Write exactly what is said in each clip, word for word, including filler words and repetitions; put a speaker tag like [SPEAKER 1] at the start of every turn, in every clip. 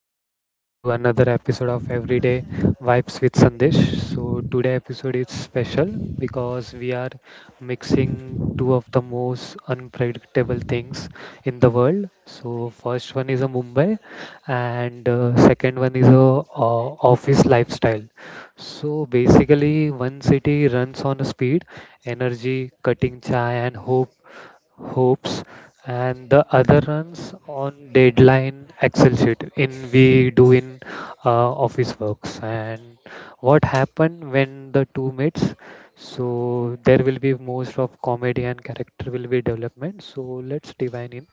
[SPEAKER 1] welcome back to another episode of Everyday Vibes with Sandesh. So, today episode is special because we are mixing two of the most unpredictable things in the world. So, first one is a Mumbai, and uh, second one is a uh, office lifestyle. So, basically, one city runs on speed, energy, cutting chai, and hope hopes and the other runs on deadline excel sheet in we do in uh, office works. And what happened when the two meets? So there will be most of comedy and character will be development, so let's divine in.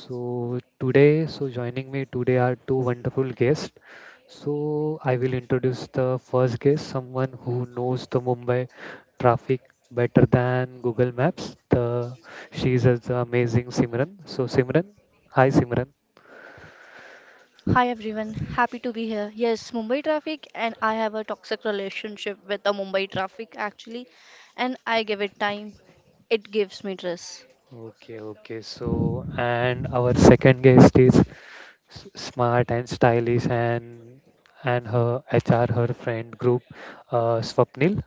[SPEAKER 1] So today, so joining me today are two wonderful guests. So I will introduce the first guest, someone who knows the Mumbai traffic better than Google Maps. The She is the amazing Simran. So Simran, hi Simran.
[SPEAKER 2] Hi everyone, happy to be here. Yes, Mumbai traffic, and I have a toxic relationship with the Mumbai traffic actually, and I give it time. It gives me stress.
[SPEAKER 1] Okay, okay. So and our second guest is s- smart and stylish and and her H R her friend group, uh, Swapnil.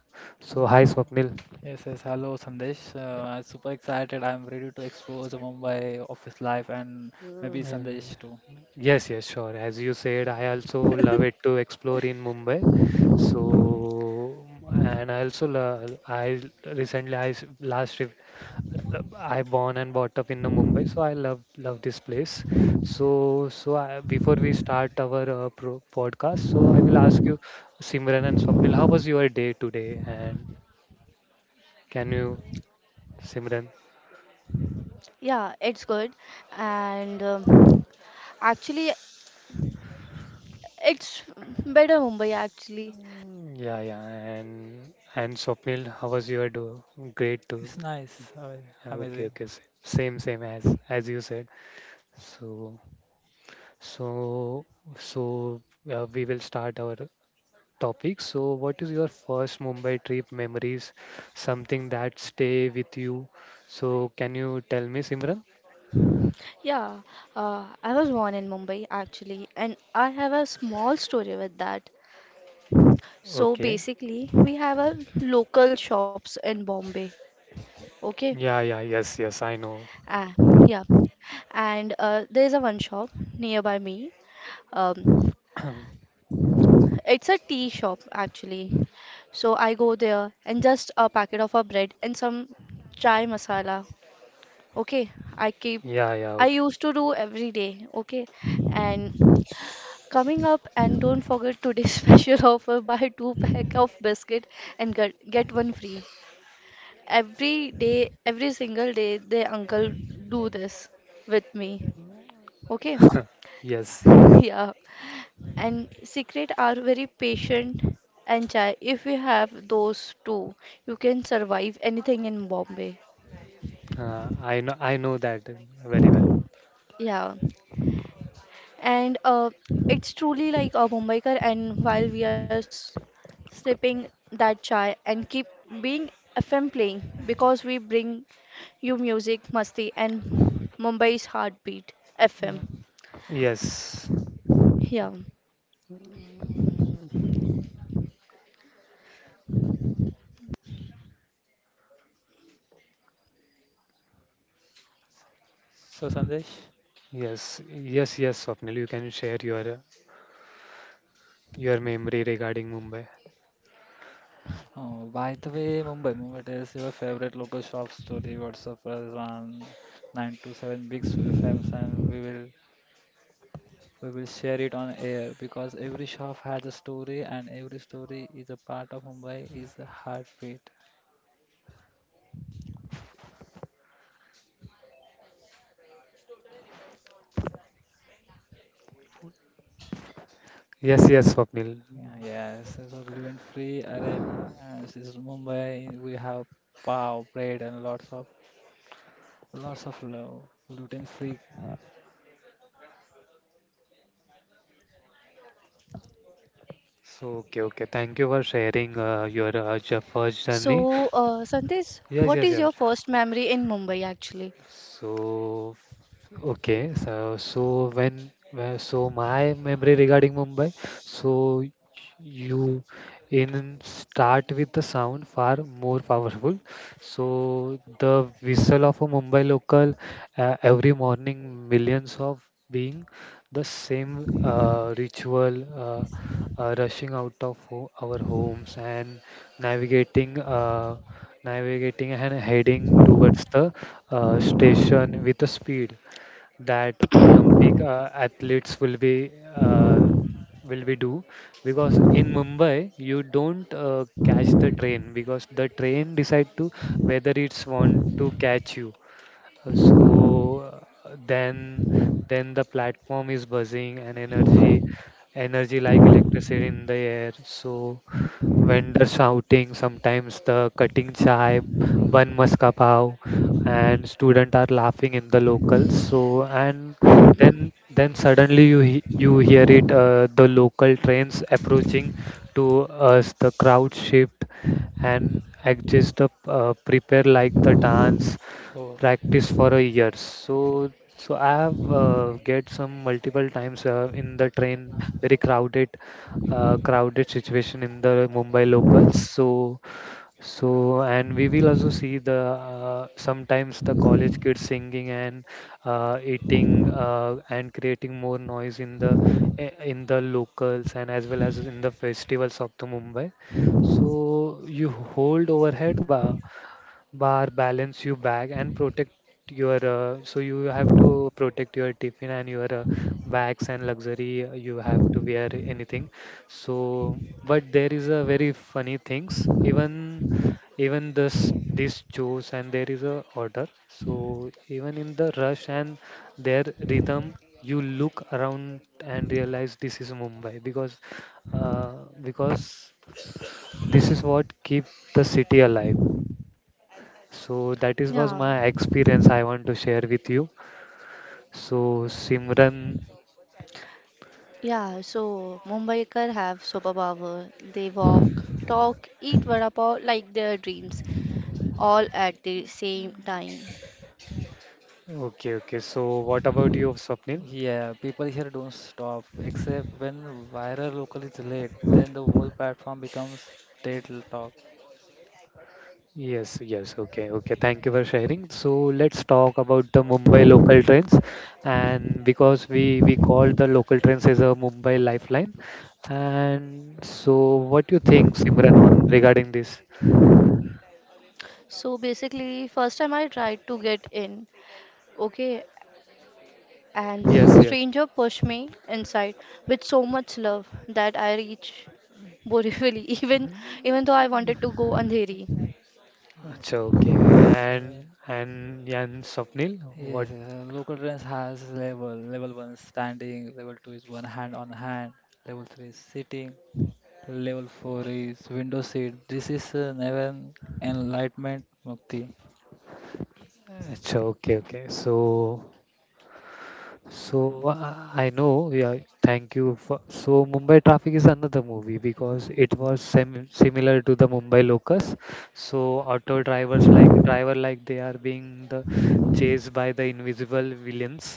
[SPEAKER 1] So hi Swapnil.
[SPEAKER 3] Yes, yes. Hello, Sandesh. Uh, I'm super excited. I'm ready to explore the Mumbai office life and maybe
[SPEAKER 1] Mm.
[SPEAKER 3] Sandesh too.
[SPEAKER 1] Yes, yes, sure. As you said, I also love it to explore in Mumbai. So, and I also love, I recently, I s- last trip, I born and brought up in the Mumbai. So I love love this place. So, so I, before we start our uh, pro podcast, so I will ask you, Simran and Swapnil, how was your day today? And can you, Simran?
[SPEAKER 2] Yeah, it's good, and um, actually, it's better Mumbai actually.
[SPEAKER 1] Mm, yeah, yeah. And and Swapnil, how was your do? Great too.
[SPEAKER 3] It's nice. Uh,
[SPEAKER 1] Yeah, okay,
[SPEAKER 3] amazing.
[SPEAKER 1] okay, s- same, same as as you said. So, so, so uh, we will start our topic. So, what is your first Mumbai trip memories? Something that stay with you. So, can you tell me, Simran?
[SPEAKER 2] Yeah, uh, I was born in Mumbai actually, and I have a small story with that. So
[SPEAKER 1] Okay.
[SPEAKER 2] basically, we have a local shops in Bombay. Okay.
[SPEAKER 1] Yeah, yeah, yes, yes, I know.
[SPEAKER 2] Ah, yeah. And uh, there is a one shop nearby me. Um, it's a tea shop actually. So I go there and just a packet of a bread and some chai masala. Okay. I keep
[SPEAKER 1] Yeah, yeah,
[SPEAKER 2] I
[SPEAKER 1] okay.
[SPEAKER 2] used to do every day. Okay, and coming up and don't forget today's special offer: buy two pack of biscuit and get get one free. Every day, every single day, the uncle do this with me. Okay?
[SPEAKER 1] Yes,
[SPEAKER 2] Yeah. And secret are very patient and shy. If you have those two, you can survive anything in Bombay.
[SPEAKER 1] uh, I know, I know that very well.
[SPEAKER 2] Yeah. And uh, it's truly like a Mumbaikar, and while we are s- sipping that chai and keep being F M playing because we bring you music, masti and Mumbai's heartbeat F M.
[SPEAKER 1] Yes.
[SPEAKER 2] Yeah.
[SPEAKER 3] Yes. So, Sandesh,
[SPEAKER 1] Yes, yes, yes, Swapnil, you can share your Your memory regarding Mumbai.
[SPEAKER 3] oh, by the way, Mumbai, Mumbai, tell us your favorite local shop story. WhatsApp us on nine two seven Big F Ms and we will we will share it on air because every shop has a story and every story is a part of Mumbai is a heartbeat.
[SPEAKER 1] Yes, yes, Swapnil.
[SPEAKER 3] Yeah, yes, so gluten free. Array, uh, this is Mumbai. We have pav, bread, and lots of lots of gluten free.
[SPEAKER 1] So, okay, okay. Thank you for sharing uh, your uh, ju- first journey.
[SPEAKER 2] So, uh, Sandesh,
[SPEAKER 1] Yes,
[SPEAKER 2] what
[SPEAKER 1] yes,
[SPEAKER 2] is your
[SPEAKER 1] yes.
[SPEAKER 2] first memory in Mumbai actually?
[SPEAKER 1] So, okay, so so when uh, so my memory regarding Mumbai, so you in start with the sound far more powerful. So the whistle of a Mumbai local, uh, every morning, millions of being the same uh, ritual. Uh, uh, rushing out of ho our homes and navigating uh, navigating and heading towards the uh, station with the speed that Olympic uh, athletes will be uh, will we do, because in Mumbai you don't uh, catch the train, because the train decide to whether it's want to catch you. Uh, So uh, then then the platform is buzzing and energy energy like electricity in the air. So vendor shouting, sometimes the cutting chai, bun maska pav, and student are laughing in the locals. So and then
[SPEAKER 2] Mhm.
[SPEAKER 1] then suddenly you he- you hear it, uh, the local trains approaching to us, the crowd shift and adjust the uh, prepare like the dance
[SPEAKER 3] Oh,
[SPEAKER 1] practice for a year. So so I have uh, get some multiple times uh, in the train, very crowded, uh, crowded situation in the Mumbai locals. So so and we will also see the uh, sometimes the college kids singing and uh, eating uh, and creating more noise in the eh, in the locals and as well as in the festivals of the Mumbai. So you hold overhead, ba bar balance you back and protect your uh, so you have to protect your tiffin and your uh, bags and luxury, uh, you have to wear anything. So but there is a very funny things, even even this this shows and there is a order, so even in the rush and their rhythm you look around and realize this is Mumbai, because uh, because this is what keep the city alive. So that is was
[SPEAKER 2] Yeah,
[SPEAKER 1] my experience I want to share with you. So Simran,
[SPEAKER 2] yeah. So Mumbaikar have superpower. They walk, talk, eat vada pav like their dreams, all at the same time.
[SPEAKER 1] okay, okay. So what about you, Swapnil?
[SPEAKER 3] yeah. People here don't stop except when viral local is late. Then the whole platform becomes TED talk.
[SPEAKER 1] Yes, yes, okay, okay. Thank you for sharing. So let's talk about the Mumbai local trains, and because we we call the local trains as a Mumbai lifeline, and so what do you think, Simran, on regarding this?
[SPEAKER 2] So basically, first time I tried to get in, okay,
[SPEAKER 1] Yes,
[SPEAKER 2] and
[SPEAKER 1] yes.
[SPEAKER 2] stranger pushed me inside with so much love that I reached Borivali, even even though I wanted to go Andheri.
[SPEAKER 1] Achha, okay.
[SPEAKER 3] Yeah.
[SPEAKER 1] And and and Swapnil,
[SPEAKER 3] Yes,
[SPEAKER 1] what?
[SPEAKER 3] yes, uh, local trends has level. Level one is standing. Level two is one hand on hand. Level three is sitting. Level four is window seat. This is uh, Navin Enlightenment Mukti.
[SPEAKER 1] Achha, okay, okay. So So uh, I know, yeah, thank you for. So Mumbai Traffic is another movie because it was sim similar to the Mumbai Locus. So auto drivers like driver like they are being the chased by the invisible villains.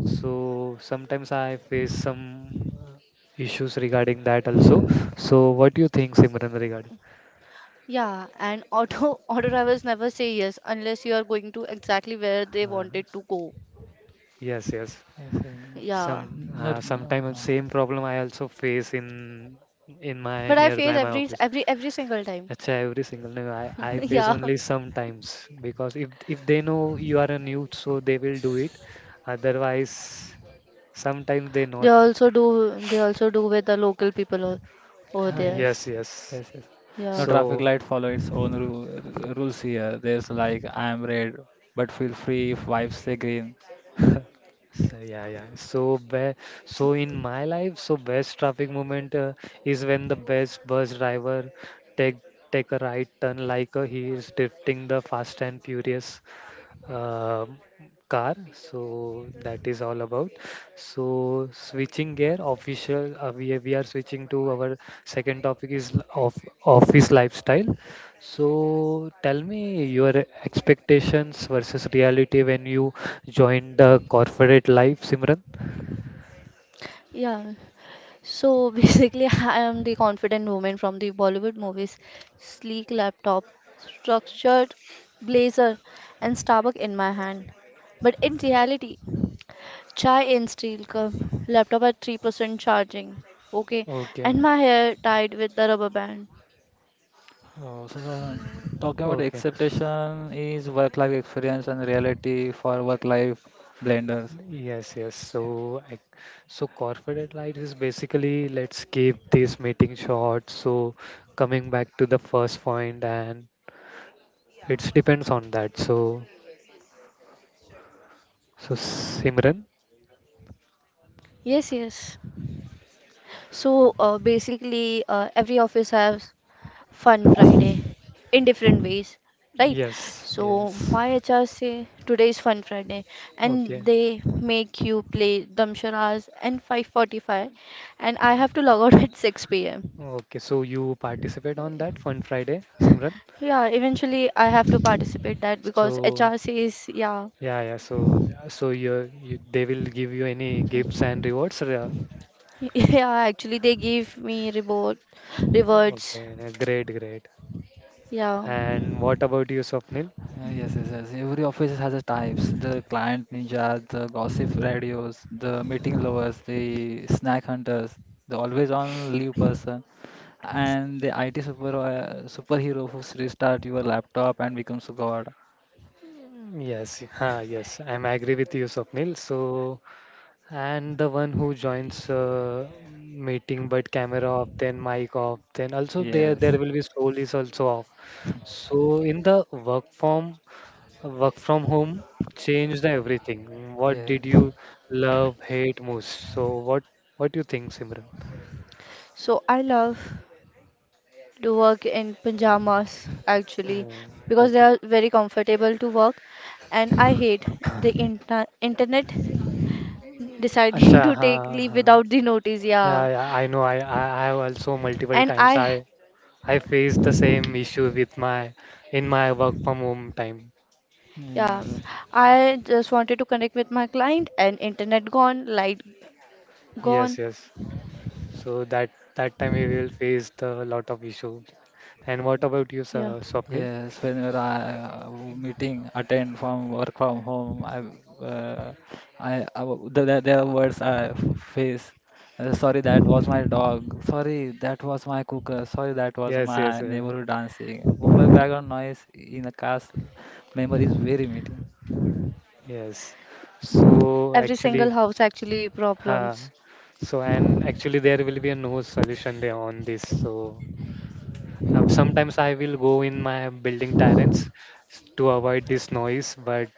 [SPEAKER 1] So sometimes I face some uh, issues regarding that also.
[SPEAKER 3] Yes.
[SPEAKER 1] So what do you think, Simran, regarding?
[SPEAKER 2] Yeah, and auto auto drivers never say yes unless you are going to exactly where they
[SPEAKER 1] Uh,
[SPEAKER 2] wanted to go.
[SPEAKER 1] yes, yes.
[SPEAKER 3] yes. uh,
[SPEAKER 2] Yeah.
[SPEAKER 1] Some
[SPEAKER 3] No,
[SPEAKER 1] uh,
[SPEAKER 3] no.
[SPEAKER 1] sometimes
[SPEAKER 3] No.
[SPEAKER 1] same problem I also face in in my
[SPEAKER 2] But I face
[SPEAKER 1] nearby my
[SPEAKER 2] every
[SPEAKER 1] office.
[SPEAKER 2] every every single time.
[SPEAKER 1] That's every single no, I, I
[SPEAKER 3] Mhm.
[SPEAKER 1] face
[SPEAKER 2] Yeah.
[SPEAKER 1] only sometimes because if if they know you are a youth, so they will do it. Otherwise, sometimes they
[SPEAKER 2] They
[SPEAKER 1] not.
[SPEAKER 2] also do they also do with the local people o- over
[SPEAKER 1] Ah,
[SPEAKER 2] there.
[SPEAKER 1] yes,
[SPEAKER 3] Yes.
[SPEAKER 1] yes.
[SPEAKER 3] Yes, yes. No
[SPEAKER 2] Yeah.
[SPEAKER 3] traffic
[SPEAKER 1] So,
[SPEAKER 3] light follow its own ru- r- rules here. There's like I am red, but feel free if vibes say green.
[SPEAKER 1] so yeah, yeah. So be, so in my life, so best traffic moment uh, is when the best bus driver take take a right turn like uh, he is drifting the fast and furious uh, car. So that is all about. So switching gear official, uh, we, we are switching to our second topic is l- of office lifestyle. So tell me your expectations versus reality when you joined the corporate life, Simran.
[SPEAKER 2] Yeah. So basically I am the confident woman from the Bollywood movies. Sleek laptop, structured blazer and Starbucks in my hand. But in reality, chai in steel cup, laptop at three percent charging. Okay, and
[SPEAKER 1] Okay.
[SPEAKER 2] my hair tied with the rubber band.
[SPEAKER 3] Oh, so, so talking about
[SPEAKER 1] Okay.
[SPEAKER 3] acceptation is work-life experience and reality for work-life blenders.
[SPEAKER 1] Yes, yes. So, I, so corporate life is basically, let's keep this meeting short. So, coming back to the first point, and it depends on that. So, so Simran,
[SPEAKER 2] Yes, yes. So uh, basically, uh, every office has Fun Friday in different ways, right?
[SPEAKER 1] yes,
[SPEAKER 2] So
[SPEAKER 3] Yes.
[SPEAKER 2] my H R say today is Fun Friday,
[SPEAKER 1] okay,
[SPEAKER 2] and they make you play Damsharas and five forty-five, and I have to log out at six p m.
[SPEAKER 1] okay. So you participate on that Fun Friday, Simran.
[SPEAKER 2] Yeah, eventually I have to participate that because
[SPEAKER 1] So
[SPEAKER 2] H R says yeah.
[SPEAKER 1] yeah, yeah. So so you, you they will give you any gifts and rewards. uh,
[SPEAKER 2] Yeah, actually, they give me reward, rewards.
[SPEAKER 1] Okay, great, great.
[SPEAKER 2] Yeah.
[SPEAKER 1] And what about you, Swapnil?
[SPEAKER 3] Uh, Yes, yes, yes. Every office has a types. The client ninja, the gossip radios, the meeting lovers, the snack hunters, the always on leave person, and the I T super uh, superhero who restart your laptop and becomes a god.
[SPEAKER 1] Mm, yes, huh, yes, I'm agree with you, Swapnil. So, and the one who joins uh, meeting, but camera off, then mic off, then also there there
[SPEAKER 3] Yes,
[SPEAKER 1] will be soul is also off. So in the work from work from home changed everything. What
[SPEAKER 3] yes,
[SPEAKER 1] did you love, hate most? So what what do you think, Simran?
[SPEAKER 2] So I love to work in pajamas actually
[SPEAKER 1] Oh,
[SPEAKER 2] because they
[SPEAKER 1] okay.
[SPEAKER 2] are very comfortable to work, and I hate the inter internet deciding
[SPEAKER 1] Acha,
[SPEAKER 2] to take
[SPEAKER 1] हाँ
[SPEAKER 2] leave
[SPEAKER 1] हाँ
[SPEAKER 2] without the notice. Yeah,
[SPEAKER 1] yeah, yeah, I know. I, I I have also multiple
[SPEAKER 2] and
[SPEAKER 1] times
[SPEAKER 2] I
[SPEAKER 1] I I faced the same issue with my in my work from home time.
[SPEAKER 2] yeah,
[SPEAKER 3] yes.
[SPEAKER 2] I just wanted to connect with my client, and internet gone, light gone.
[SPEAKER 1] Yes, yes. So that that time we will face the lot of issue. And what about you,
[SPEAKER 2] Yeah,
[SPEAKER 1] Sa- Swapnil?
[SPEAKER 3] Yes, whenever I uh, meeting attend from work from home, I uh, I, I w- there there- there are words I f- face. Uh, sorry, that was my dog. Sorry, that was my cooker. Sorry, that was
[SPEAKER 1] Yes, yes,
[SPEAKER 3] my
[SPEAKER 1] uh,
[SPEAKER 3] neighborhood dancing. Mumbai background noise in a car's memory is very meaty.
[SPEAKER 1] yes. So
[SPEAKER 2] every
[SPEAKER 1] actually.
[SPEAKER 2] single house actually
[SPEAKER 1] Uh,
[SPEAKER 2] problems.
[SPEAKER 1] so and actually there will be a no solution there on this. So uh, sometimes I will go in my building terrace s- to avoid this noise, but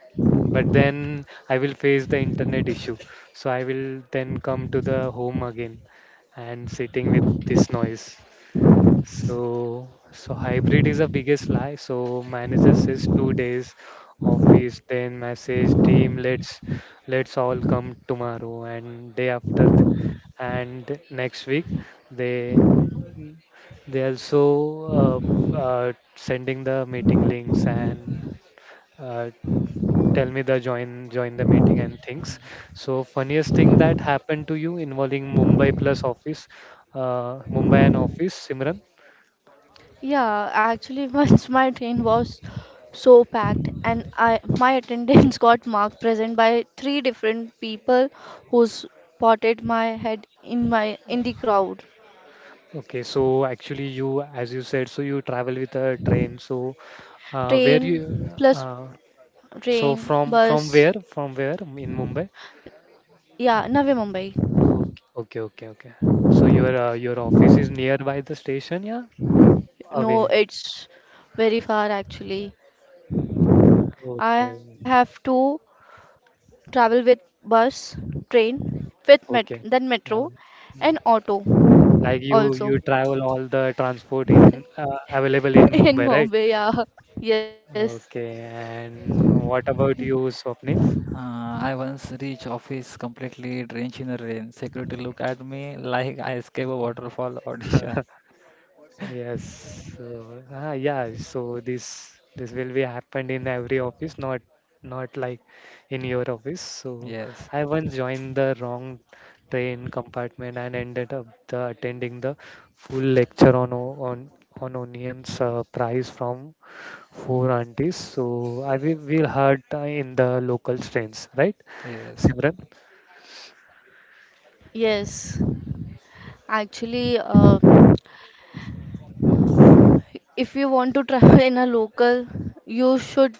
[SPEAKER 1] but then I will face the internet issue. So I will then come to the home again and sitting with this noise. So, so hybrid is the biggest lie. So manager says two days office, then message team, let's let's all come tomorrow and day after the, and next week they they also uh, uh, sending the meeting links and uh, tell me the join join the meeting and things. So funniest thing that happened to you involving Mumbai plus office, uh, Mumbai and office, Simran?
[SPEAKER 2] Yeah, actually, once my train was so packed, and I my attendance got marked present by three different people who spotted my head in my in the crowd.
[SPEAKER 1] Okay, so actually you, as you said, so you travel with a train. So uh, where
[SPEAKER 2] Train
[SPEAKER 1] you,
[SPEAKER 2] plus
[SPEAKER 1] uh, so
[SPEAKER 2] train
[SPEAKER 1] from from
[SPEAKER 2] bus.
[SPEAKER 1] where? From where in Mumbai?
[SPEAKER 2] Yeah, Navi Mumbai.
[SPEAKER 1] Okay, okay, okay, okay. So your uh, your office is nearby the station, yeah?
[SPEAKER 2] No,
[SPEAKER 1] Away.
[SPEAKER 2] it's very far actually. I
[SPEAKER 1] Okay,
[SPEAKER 2] have to travel with bus, train, with met
[SPEAKER 1] okay.
[SPEAKER 2] then metro,
[SPEAKER 1] Yeah.
[SPEAKER 2] and
[SPEAKER 1] Mm.
[SPEAKER 2] auto
[SPEAKER 1] Like you
[SPEAKER 2] also.
[SPEAKER 1] you travel all the transport in uh, available in
[SPEAKER 2] In
[SPEAKER 1] Mumbai, right?
[SPEAKER 2] Bombay, yeah. Yes,
[SPEAKER 1] Okay, and what about you, Swapnil?
[SPEAKER 3] Uh, I once reached office completely drenched in the rain. Security looked at me like I escaped a waterfall audition.
[SPEAKER 1] Yes. So, ah, yeah. So this this will be happened in every office, not not like in your office. So
[SPEAKER 3] Yes,
[SPEAKER 1] I once joined the wrong train compartment and ended up the, attending the full lecture on o- on on onions uh, price from four aunties. So I will will heard uh, in the local trains, right,
[SPEAKER 3] yes,
[SPEAKER 1] Simran?
[SPEAKER 2] yes. Actually, uh, if you want to travel in a local, you should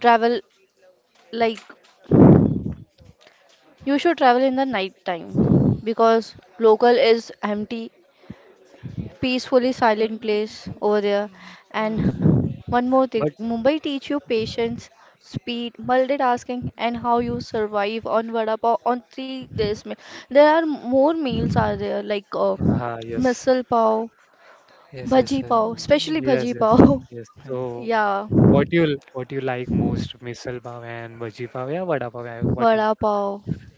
[SPEAKER 2] travel like you should travel in the night time because local is empty, peacefully silent place over there. And one more thing,
[SPEAKER 1] But
[SPEAKER 2] Mumbai teach you patience, speed, multitasking, and how you survive on vada pav on three days meal. There are more meals are there like uh,
[SPEAKER 1] ah, yes.
[SPEAKER 2] misal pav,
[SPEAKER 3] yes, yes,
[SPEAKER 2] bhaji
[SPEAKER 3] yes,
[SPEAKER 2] pav, especially
[SPEAKER 1] Yes,
[SPEAKER 2] bhaji
[SPEAKER 1] yes,
[SPEAKER 2] pav.
[SPEAKER 1] yes. So,
[SPEAKER 3] yes.
[SPEAKER 2] Yeah,
[SPEAKER 1] what you what you like most, misal pav and bhaji pav, yeah, vada pav, yeah, what you?
[SPEAKER 2] vada pav.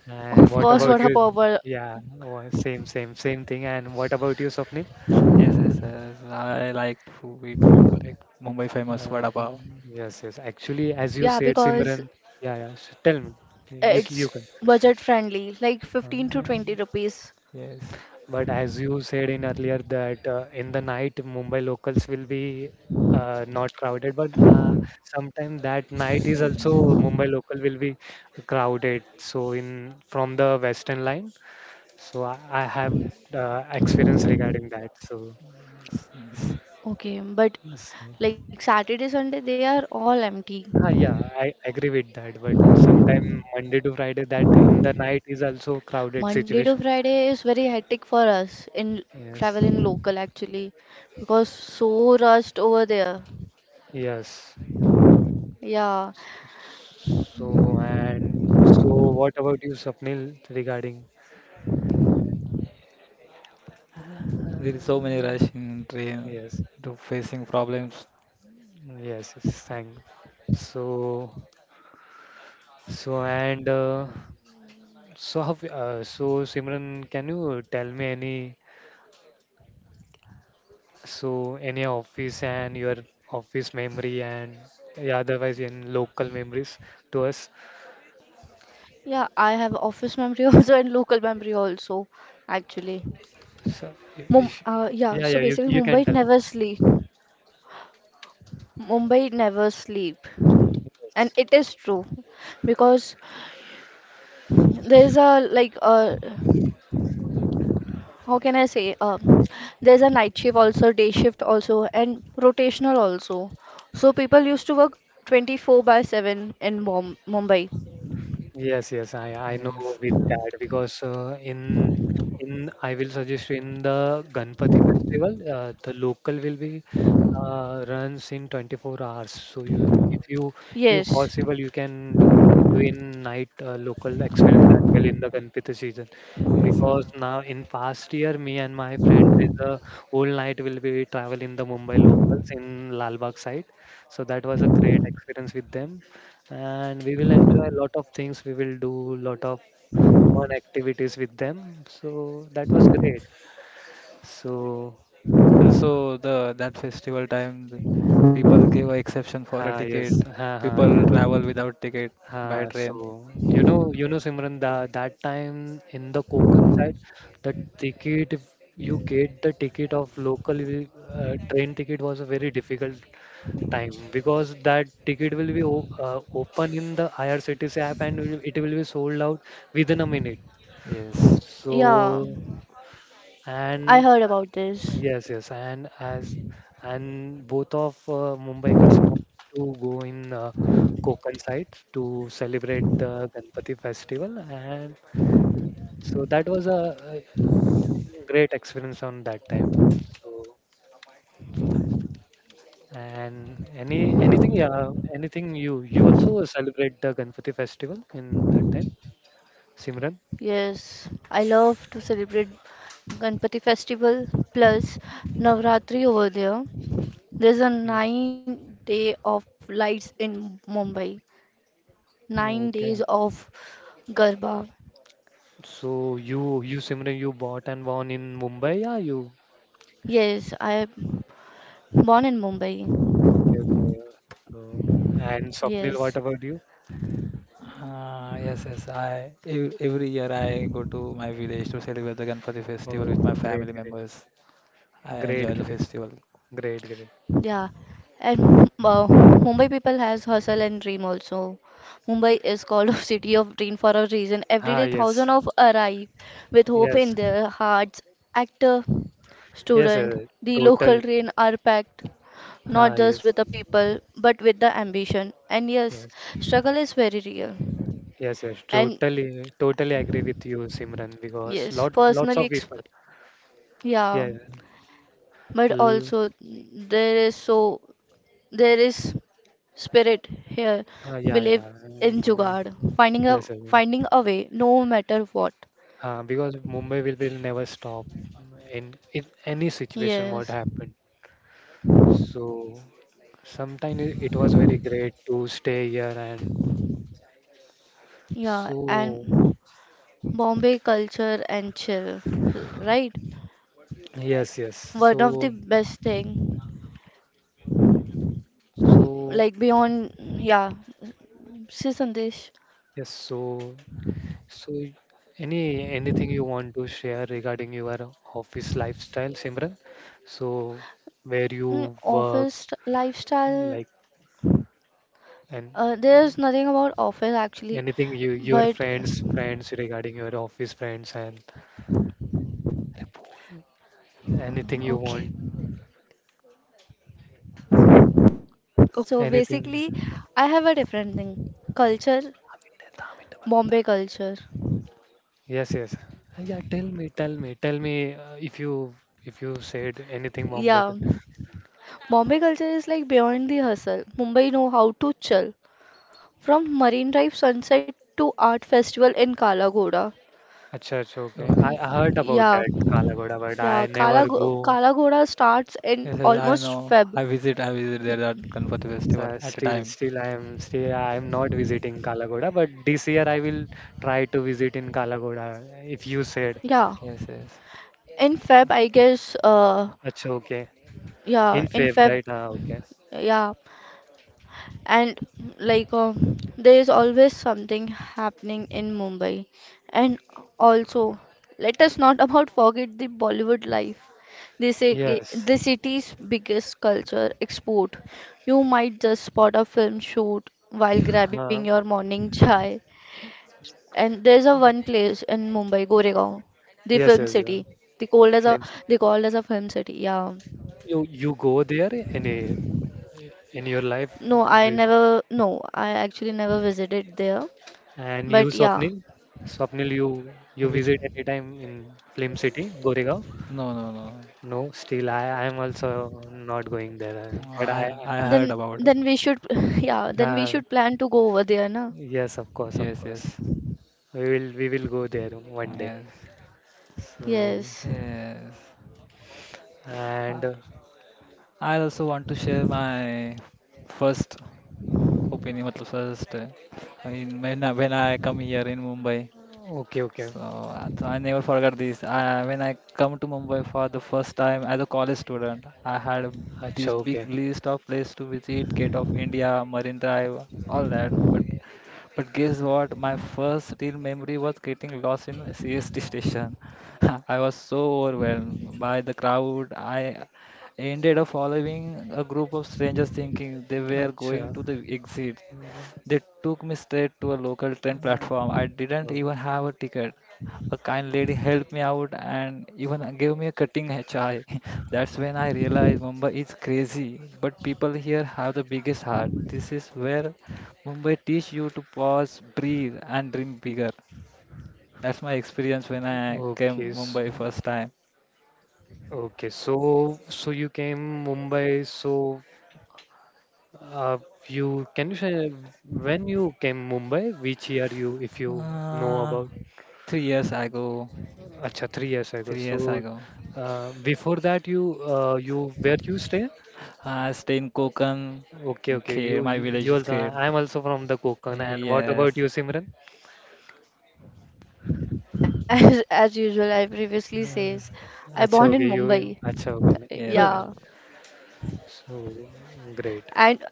[SPEAKER 1] And
[SPEAKER 2] Of
[SPEAKER 3] Yeah,
[SPEAKER 1] what
[SPEAKER 2] course,
[SPEAKER 1] about
[SPEAKER 3] nice.
[SPEAKER 2] vada
[SPEAKER 1] you?
[SPEAKER 2] pav. wa-
[SPEAKER 1] Yeah, wha- same, same, same thing. And what about you, Swapnil?
[SPEAKER 3] Yes, yes, yes. I like to eat food like Mumbai famous
[SPEAKER 1] Uh,
[SPEAKER 3] vada pav.
[SPEAKER 1] yes, yes. Actually, as you
[SPEAKER 2] Yeah,
[SPEAKER 1] said,
[SPEAKER 2] because
[SPEAKER 1] Simran. Yeah, yeah. s- Tell me. You you
[SPEAKER 2] it's
[SPEAKER 1] can.
[SPEAKER 2] budget friendly, like
[SPEAKER 1] Uh,
[SPEAKER 2] fifteen to twenty rupees.
[SPEAKER 3] Yes,
[SPEAKER 1] But as you said in earlier that uh, in the night Mumbai locals will be uh, not crowded, but uh, sometimes that night is also Mumbai local will be crowded. So in from the Western line, so I, I have uh, experience regarding that. So,
[SPEAKER 3] yes, yes.
[SPEAKER 2] Okay, but
[SPEAKER 1] so
[SPEAKER 2] like Saturday, Sunday, they are all empty.
[SPEAKER 1] ah, yeah, I agree with that. But sometime Monday to Friday, that in the night is also crowded
[SPEAKER 2] Monday to
[SPEAKER 1] situation.
[SPEAKER 2] Friday is very hectic for us in travel
[SPEAKER 1] Yes,
[SPEAKER 2] in local actually because so rushed over there.
[SPEAKER 1] yes.
[SPEAKER 2] Yeah,
[SPEAKER 1] So and so, what about you, Swapnil, regarding?
[SPEAKER 3] There is so many rush in train
[SPEAKER 1] Yes,
[SPEAKER 3] to facing problems.
[SPEAKER 1] yes, yes, thank. So, so and uh, so, how, uh, so Simran, can you tell me any so any office and your office memory and yeah, otherwise in local memories to us?
[SPEAKER 2] yeah, I have office memory also and local memory also actually.
[SPEAKER 1] So, if, if
[SPEAKER 2] Mum, uh,
[SPEAKER 1] yeah, yeah,
[SPEAKER 2] yeah,
[SPEAKER 1] you
[SPEAKER 2] so
[SPEAKER 1] you
[SPEAKER 2] basically
[SPEAKER 1] can tell.
[SPEAKER 2] Mumbai never sleep. Mumbai never sleep. And
[SPEAKER 1] Yes.
[SPEAKER 2] it is true because there is a like a how can I say? Uh, there's a night shift also, day shift also, and rotational also. So people used to work twenty-four by seven in Mum- Mumbai.
[SPEAKER 1] Yes, yes, I I know
[SPEAKER 3] Yes,
[SPEAKER 1] with that because uh, in in I will suggest you in the Ganpati festival, uh, the local will be uh, runs in twenty-four hours. So you, if you if you
[SPEAKER 2] Yes,
[SPEAKER 1] possible, you can do do in night uh, local experience as well in the Ganpati season
[SPEAKER 3] yes. Yes.
[SPEAKER 1] because now in past year, me and my friends is the whole night will be travel in the Mumbai locals in Lalbagh side. So that was a great experience with them, and we will enjoy a lot of things. We will do lot of fun activities with them. So that was great. So
[SPEAKER 3] Also, the that festival time, the people give a exception for
[SPEAKER 1] ha
[SPEAKER 3] a
[SPEAKER 1] yes,
[SPEAKER 3] ticket.
[SPEAKER 1] ha ha
[SPEAKER 3] People
[SPEAKER 1] yes.
[SPEAKER 3] travel without ticket by
[SPEAKER 1] Ha,
[SPEAKER 3] train.
[SPEAKER 1] so you know, you know, Simran, that that time in the Konkan side, the ticket if you get the ticket of local will- uh, train ticket was a very difficult time because that ticket will be o uh, open in the I R C T C app and will- it will be sold out within a minute.
[SPEAKER 3] Yes.
[SPEAKER 1] So
[SPEAKER 2] yeah, I
[SPEAKER 1] and
[SPEAKER 2] heard about this.
[SPEAKER 1] yes, yes, and as and both of uh, Mumbaikars want to go in uh, Konkan side to celebrate the Ganpati festival, and so that was a, a great experience on that time. So and any anything, yeah, anything you you also celebrate the Ganpati festival in that time, Simran?
[SPEAKER 2] Yes, I love to celebrate Ganpati festival plus Navratri over there. There's a nine day of lights in Mumbai. Nine
[SPEAKER 1] Mm,
[SPEAKER 2] days
[SPEAKER 1] okay.
[SPEAKER 2] of Garba.
[SPEAKER 1] So you you Simran you bought and won in Mumbai, yeah, you
[SPEAKER 2] Yes, I born in Mumbai.
[SPEAKER 1] okay, okay. So, and Swapnil,
[SPEAKER 2] Yes,
[SPEAKER 1] what about you?
[SPEAKER 3] Uh, yes, yes. I ev- every year I go to my village to celebrate the Ganpati festival
[SPEAKER 1] Oh,
[SPEAKER 3] with my
[SPEAKER 1] great,
[SPEAKER 3] family
[SPEAKER 1] great,
[SPEAKER 3] members. I
[SPEAKER 1] great,
[SPEAKER 3] enjoy the
[SPEAKER 1] great,
[SPEAKER 3] festival.
[SPEAKER 1] great, great.
[SPEAKER 2] yeah, and uh, Mumbai people has hustle and dream also. Mumbai is called a city of dream for a reason. Every
[SPEAKER 1] Ah,
[SPEAKER 2] day, thousand
[SPEAKER 1] yes,
[SPEAKER 2] of arrive with hope
[SPEAKER 1] yes,
[SPEAKER 2] in their hearts. Actor,
[SPEAKER 1] yes,
[SPEAKER 2] student,
[SPEAKER 1] yes,
[SPEAKER 2] the local
[SPEAKER 1] total.
[SPEAKER 2] train are packed, not
[SPEAKER 1] Ah,
[SPEAKER 2] just
[SPEAKER 1] yes,
[SPEAKER 2] with the people, but with the ambition. And yes,
[SPEAKER 1] yes,
[SPEAKER 2] struggle is very real.
[SPEAKER 1] yes, yes.
[SPEAKER 2] And
[SPEAKER 1] Totally, totally agree with you, Simran, because
[SPEAKER 2] yes,
[SPEAKER 1] lot, lots
[SPEAKER 2] personally,
[SPEAKER 1] of
[SPEAKER 2] exp
[SPEAKER 1] people. Yeah,
[SPEAKER 2] yeah.
[SPEAKER 1] yeah.
[SPEAKER 2] but
[SPEAKER 1] l-
[SPEAKER 2] also there is so there is spirit here,
[SPEAKER 1] ah,
[SPEAKER 2] believe
[SPEAKER 1] yeah, yeah.
[SPEAKER 2] in
[SPEAKER 1] Mm, yeah.
[SPEAKER 2] jugaad, finding a
[SPEAKER 1] Yes, yes. Yes.
[SPEAKER 2] finding a way no matter what.
[SPEAKER 1] Ah, because Mumbai will will never stop in in any situation
[SPEAKER 2] Yes,
[SPEAKER 1] what happened. So sometimes it was very great to stay here and
[SPEAKER 2] yeah,
[SPEAKER 1] so
[SPEAKER 2] and Bombay culture and chill, right?
[SPEAKER 1] yes, yes.
[SPEAKER 2] One of the
[SPEAKER 1] So
[SPEAKER 2] best thing,
[SPEAKER 1] so
[SPEAKER 2] like beyond, yeah, see, Sandesh.
[SPEAKER 1] yes, so so any anything you want to share regarding your office lifestyle, Simran? So where
[SPEAKER 2] Mm,
[SPEAKER 1] you work,
[SPEAKER 2] office lifestyle,
[SPEAKER 1] like and
[SPEAKER 2] uh, there's nothing about office actually
[SPEAKER 1] anything you your
[SPEAKER 2] but
[SPEAKER 1] friends friends regarding your office friends and anything you
[SPEAKER 2] okay.
[SPEAKER 1] want,
[SPEAKER 2] Okay, so basically,
[SPEAKER 1] anything.
[SPEAKER 2] I have a different thing. Culture, Bombay culture.
[SPEAKER 1] Yes, yes. Uh, Yeah, tell me, tell me, tell me uh, if you if you said anything Bombay.
[SPEAKER 2] Yeah.
[SPEAKER 1] cul-
[SPEAKER 2] Bombay culture is like beyond the hustle. Mumbai know how to chill. From Marine Drive sunset to art festival in Kala Ghoda.
[SPEAKER 1] Acha, acha, okay.
[SPEAKER 3] Okay.
[SPEAKER 1] I, I heard about
[SPEAKER 2] Yeah.
[SPEAKER 1] that Kalagoda, but I
[SPEAKER 2] Yeah, Kala
[SPEAKER 1] never
[SPEAKER 2] Go-
[SPEAKER 1] go.
[SPEAKER 2] Kala Ghoda starts in
[SPEAKER 3] Yes, yes, I
[SPEAKER 2] almost
[SPEAKER 3] know.
[SPEAKER 2] Feb.
[SPEAKER 3] I visit, I visit there at Ganpati festival
[SPEAKER 1] Uh,
[SPEAKER 3] at a
[SPEAKER 1] still,
[SPEAKER 3] time.
[SPEAKER 1] still, I am still I am not visiting Kalagoda, but this year I will try to visit in Kalagoda. If you said,
[SPEAKER 2] Yeah.
[SPEAKER 3] Yes, yes.
[SPEAKER 2] In Feb, I guess, uh,
[SPEAKER 1] acha, okay,
[SPEAKER 2] yeah,
[SPEAKER 1] in
[SPEAKER 2] in
[SPEAKER 1] Feb,
[SPEAKER 2] Feb,
[SPEAKER 1] right? Ah, okay.
[SPEAKER 2] yeah, and like uh, there is always something happening in Mumbai, and also let us not about forget the Bollywood life, the, ci-
[SPEAKER 1] Yes.
[SPEAKER 2] the city's biggest culture export. You might just spot a film shoot while grabbing
[SPEAKER 1] Uh,
[SPEAKER 2] your morning chai. And there's a one place in Mumbai, Goregaon, the film
[SPEAKER 1] yes,
[SPEAKER 2] city.
[SPEAKER 1] yes. Uh,
[SPEAKER 2] they called as a
[SPEAKER 1] flames.
[SPEAKER 2] they called as a film city, yeah.
[SPEAKER 1] You you go there in a, in your life?
[SPEAKER 2] No i never no, I actually never visited there
[SPEAKER 1] And you,
[SPEAKER 2] but yeah.
[SPEAKER 1] Swapnil? Swapnil, you you
[SPEAKER 3] In which?
[SPEAKER 1] visit anytime in Film City, Goregaon?
[SPEAKER 3] No, no, no.
[SPEAKER 1] No, still I I am also not going there.
[SPEAKER 3] Uh,
[SPEAKER 1] uh, But I
[SPEAKER 3] I I
[SPEAKER 2] Then
[SPEAKER 3] heard about.
[SPEAKER 2] then we should yeah, then we
[SPEAKER 1] uh,
[SPEAKER 2] should plan to go over there, na?
[SPEAKER 1] yes, of course, of
[SPEAKER 3] Yes,
[SPEAKER 1] course.
[SPEAKER 3] yes,
[SPEAKER 1] We will we will go there one day.
[SPEAKER 3] yes,
[SPEAKER 1] So
[SPEAKER 2] Yes.
[SPEAKER 3] yes. I
[SPEAKER 1] and uh,
[SPEAKER 3] I also want to share my first opinion, मतलब first uh, in when I, when I come here in Mumbai.
[SPEAKER 1] okay, okay.
[SPEAKER 3] So, uh, so I never forgot this. I, when I come to Mumbai for the first time as a college student, I had
[SPEAKER 1] Acha,
[SPEAKER 3] this big
[SPEAKER 1] okay.
[SPEAKER 3] list of places to visit, Gate of India, Marine Drive, all that. But but guess what? My first real memory was getting lost in C S T station. I was so overwhelmed by the crowd. I ended up following a group of strangers thinking they were going to
[SPEAKER 1] Acha.
[SPEAKER 3] the exit,
[SPEAKER 1] Mm,
[SPEAKER 3] they took me straight to a local train platform. I didn't
[SPEAKER 1] uh,
[SPEAKER 3] even have a ticket. A kind lady helped me out and even gave me a cutting a chai. That's when I realized Mumbai is crazy, but people here have the biggest heart. This is where Mumbai teach you to pause, breathe, and dream bigger. That's my experience when I
[SPEAKER 1] okay,
[SPEAKER 3] came
[SPEAKER 1] s-
[SPEAKER 3] Mumbai first time.
[SPEAKER 1] okay. So so you came Mumbai. So Uh, you can you say when you came Mumbai? Which year you, if you know
[SPEAKER 3] Uh,
[SPEAKER 1] about?
[SPEAKER 3] three years ago,
[SPEAKER 1] Acha, three years ago.
[SPEAKER 3] Three years
[SPEAKER 1] So
[SPEAKER 3] ago.
[SPEAKER 1] uh, before that, you uh, you where you stay?
[SPEAKER 3] I stay in Konkan,
[SPEAKER 1] Okay, okay.
[SPEAKER 3] Kher.
[SPEAKER 1] You
[SPEAKER 3] My
[SPEAKER 1] you
[SPEAKER 3] village
[SPEAKER 1] you
[SPEAKER 3] is
[SPEAKER 1] also.
[SPEAKER 3] Kher.
[SPEAKER 1] I am also from the Konkan. And what about
[SPEAKER 3] Yes,
[SPEAKER 1] you, Simran?
[SPEAKER 2] As as usual, I previously says,
[SPEAKER 1] Uh,
[SPEAKER 2] I
[SPEAKER 1] Acha,
[SPEAKER 2] born in
[SPEAKER 1] okay. You you-
[SPEAKER 2] Mumbai.
[SPEAKER 1] acha, okay.
[SPEAKER 3] yes,
[SPEAKER 1] No,
[SPEAKER 3] yes.
[SPEAKER 2] Yeah.
[SPEAKER 1] so great.
[SPEAKER 2] And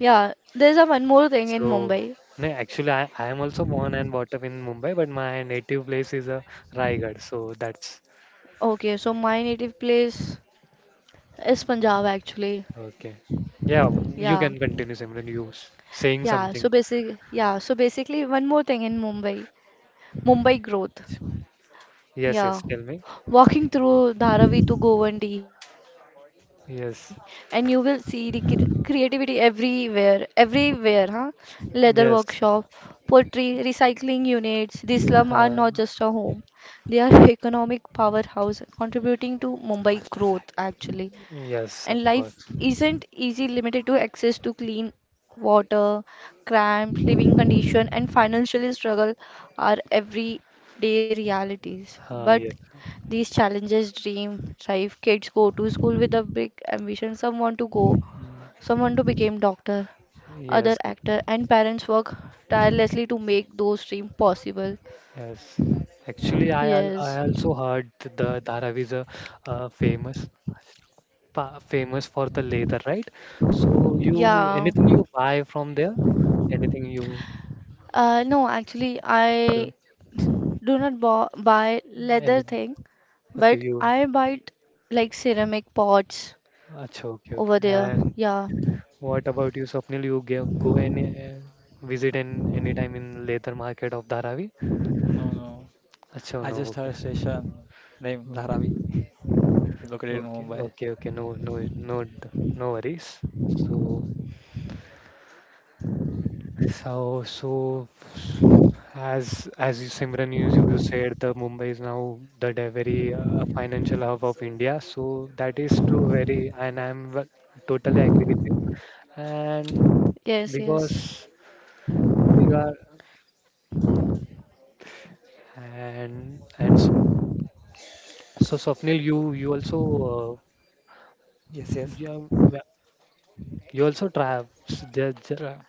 [SPEAKER 2] yeah, there's a one more thing in
[SPEAKER 1] So
[SPEAKER 2] Mumbai.
[SPEAKER 1] no, actually, I I am also born and brought up in Mumbai, but my native place is uh, Raigad. So that's
[SPEAKER 2] Okay, so my native place is Punjab actually.
[SPEAKER 1] okay. Yeah, you
[SPEAKER 2] Yeah.
[SPEAKER 1] can continue, Simran. You s- saying
[SPEAKER 2] Yeah, so
[SPEAKER 1] something.
[SPEAKER 2] basic yeah, so basically, one more thing in Mumbai. Mumbai growth.
[SPEAKER 1] Yes,
[SPEAKER 2] Yeah,
[SPEAKER 1] yes, tell me.
[SPEAKER 2] walking through Dharavi to Govandi, and you will see the
[SPEAKER 1] Yes,
[SPEAKER 2] cre- creativity everywhere, everywhere, huh? Leather workshop,
[SPEAKER 1] yes,
[SPEAKER 2] pottery, recycling units. The slum are not
[SPEAKER 1] uh,
[SPEAKER 2] just a home; they are economic powerhouse, contributing to
[SPEAKER 3] What?
[SPEAKER 2] Mumbai growth actually.
[SPEAKER 1] yes, of
[SPEAKER 2] And
[SPEAKER 1] course.
[SPEAKER 2] life isn't easy, limited to access to clean water, cramped living condition and financial struggle are everyday realities.
[SPEAKER 1] Uh,
[SPEAKER 2] But
[SPEAKER 1] yes,
[SPEAKER 2] these challenges, dream, thrive, kids go to school with a big ambition, someone to go,
[SPEAKER 1] mm,
[SPEAKER 2] someone to become doctor, other
[SPEAKER 1] yes,
[SPEAKER 2] actor and parents work tirelessly to make those dreams possible.
[SPEAKER 1] yes. Actually, I al- I
[SPEAKER 2] Yes.
[SPEAKER 1] also heard the Dharavi is a uh, famous pa famous for the leather, right? So you
[SPEAKER 2] Yeah.
[SPEAKER 1] anything you buy from there, anything you,
[SPEAKER 2] Uh, no, actually,
[SPEAKER 1] uh,
[SPEAKER 2] I do not bo- buy leather
[SPEAKER 1] anything.
[SPEAKER 2] thing,
[SPEAKER 1] Okay,
[SPEAKER 2] but
[SPEAKER 1] you.
[SPEAKER 2] I buy like ceramic pots
[SPEAKER 1] Achha, okay, okay.
[SPEAKER 2] over there.
[SPEAKER 1] And
[SPEAKER 2] Yeah,
[SPEAKER 1] what about you, Swapnil? You gave, go and uh, visit in anytime in leather market of Dharavi?
[SPEAKER 3] No, no.
[SPEAKER 1] Achha,
[SPEAKER 3] I
[SPEAKER 1] no,
[SPEAKER 3] just
[SPEAKER 1] okay.
[SPEAKER 3] heard station named
[SPEAKER 1] Oh,
[SPEAKER 3] Dharavi, is located in
[SPEAKER 1] okay,
[SPEAKER 3] Mumbai.
[SPEAKER 1] okay, okay. No, no, no, d- no worries. So, so, so, as as you Simran, you, you said, the Mumbai is now the de- very uh, financial hub of India. So that is true, very, and I'm w- totally agree with you. And
[SPEAKER 2] yes, yes.
[SPEAKER 1] because we are and and so so Swapnil, you you also uh,
[SPEAKER 3] Yes, yes.
[SPEAKER 1] you, have ma- you also travel
[SPEAKER 3] Tra-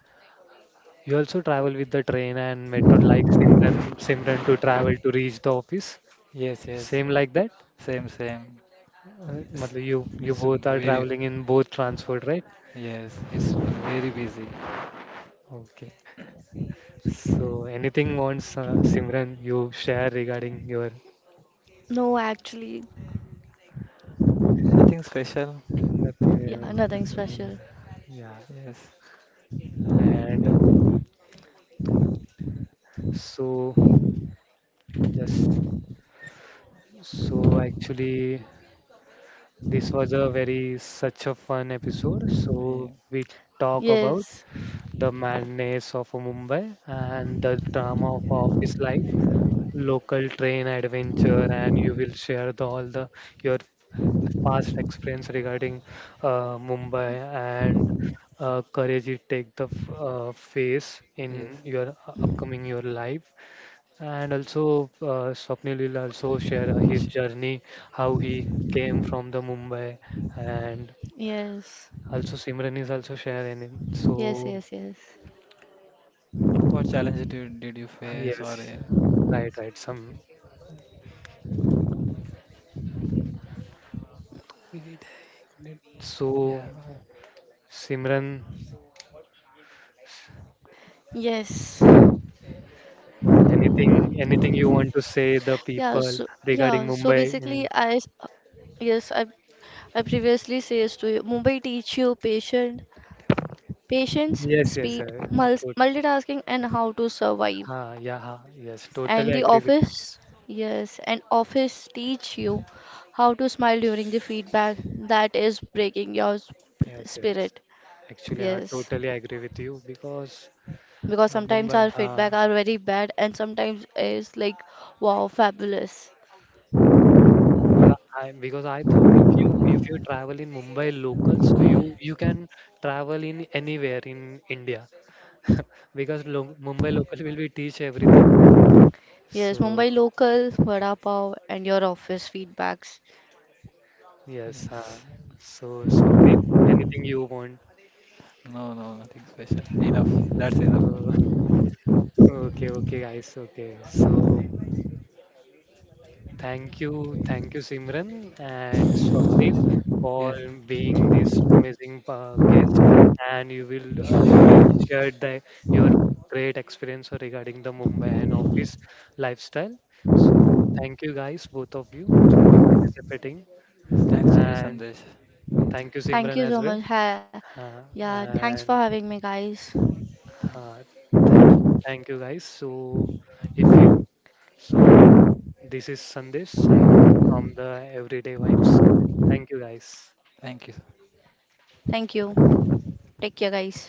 [SPEAKER 1] you also travel with the train and metro like Simran Simran to travel to reach the office.
[SPEAKER 3] Yes, yes.
[SPEAKER 1] Same like that.
[SPEAKER 3] Same, same.
[SPEAKER 1] Uh,
[SPEAKER 3] It's,
[SPEAKER 1] matlab you you
[SPEAKER 3] it's
[SPEAKER 1] both are
[SPEAKER 3] very,
[SPEAKER 1] traveling in both transport, right?
[SPEAKER 3] yes, it's very busy.
[SPEAKER 1] Okay. So anything wants uh, Simran you share regarding your
[SPEAKER 2] No, actually,
[SPEAKER 3] Nothing special.
[SPEAKER 2] yeah, nothing
[SPEAKER 1] nothing.
[SPEAKER 2] special.
[SPEAKER 1] Uh, yeah.
[SPEAKER 3] Yes.
[SPEAKER 1] And so just so actually. This was a very such a fun episode.
[SPEAKER 3] Yeah.
[SPEAKER 1] So we talk about
[SPEAKER 2] Yes,
[SPEAKER 1] the madness of Mumbai and the drama of office life, local train adventure, and you will share the, all the your past experience regarding uh, Mumbai and uh, courage you take the f- uh, face in
[SPEAKER 3] Yes.
[SPEAKER 1] your u- upcoming your life. And also, uh, Swapnil will also share uh, his
[SPEAKER 3] Sh-
[SPEAKER 1] journey, how he came from the Mumbai and
[SPEAKER 2] yes,
[SPEAKER 1] also, Simran is also sharing it.
[SPEAKER 2] yes,
[SPEAKER 1] So,
[SPEAKER 2] yes, yes,
[SPEAKER 3] What challenge did, did you
[SPEAKER 1] uh,
[SPEAKER 3] face or
[SPEAKER 1] yes,
[SPEAKER 3] uh,
[SPEAKER 1] uh, right, right. Some. So, uh,
[SPEAKER 3] yeah,
[SPEAKER 1] Simran,
[SPEAKER 2] yes.
[SPEAKER 1] anything, anything you want to say the
[SPEAKER 2] Yeah,
[SPEAKER 1] people
[SPEAKER 2] so
[SPEAKER 1] regarding
[SPEAKER 2] yeah, so
[SPEAKER 1] Mumbai? In
[SPEAKER 2] basically, I s- yes, I I previously says to you, Mumbai teach you patient patience,
[SPEAKER 1] yes, yes,
[SPEAKER 2] speed,
[SPEAKER 1] sir. Uh,
[SPEAKER 2] mul-
[SPEAKER 1] to,
[SPEAKER 2] multitasking, and how to survive.
[SPEAKER 1] ha, yeah, ha, yes. Totally
[SPEAKER 2] And the
[SPEAKER 1] agree with
[SPEAKER 2] office, yes, and office teach you how to smile during the feedback that is breaking your sp-
[SPEAKER 1] you. Yes, yes.
[SPEAKER 2] spirit.
[SPEAKER 1] Actually, I
[SPEAKER 2] Yes,
[SPEAKER 1] totally agree with you because
[SPEAKER 2] because
[SPEAKER 1] uh,
[SPEAKER 2] sometimes
[SPEAKER 1] Mumbai.
[SPEAKER 2] our feedback
[SPEAKER 1] Ha,
[SPEAKER 2] are very bad, and sometimes is like wow, fabulous.
[SPEAKER 1] because I I- because I thought if you if you travel in Mumbai local, so you you can travel in anywhere in India because lo Mumbai local will be teach everything.
[SPEAKER 2] Yes,
[SPEAKER 1] So
[SPEAKER 2] Mumbai local, vada pav, and your office feedbacks.
[SPEAKER 1] yes, uh,
[SPEAKER 3] yes.
[SPEAKER 1] so Swapnil, anything you want?
[SPEAKER 3] No, no, nothing special. Enough. That's enough.
[SPEAKER 1] So okay, okay, guys, okay. So thank you, thank you, Simran and Swapnil, for
[SPEAKER 3] Yes.
[SPEAKER 1] being this amazing uh, guest. And you will uh, you will share the, your great experience regarding the Mumbai and office lifestyle. So thank you guys, both of you, for participating,
[SPEAKER 3] Thanks to you,
[SPEAKER 1] and
[SPEAKER 3] Sandesh.
[SPEAKER 1] thank you,
[SPEAKER 2] Thank
[SPEAKER 1] Simran,
[SPEAKER 2] you
[SPEAKER 1] as
[SPEAKER 2] so
[SPEAKER 1] well.
[SPEAKER 2] much. Ha-
[SPEAKER 1] Uh,
[SPEAKER 2] yeah, thanks for
[SPEAKER 1] and
[SPEAKER 2] having me, guys.
[SPEAKER 3] Thank,
[SPEAKER 1] uh, thank, thank you guys. So if you so, this is Sandesh sign off from the Everyday Vibes. Thank you, guys.
[SPEAKER 3] Thank you.
[SPEAKER 2] Thank you. Take care, guys.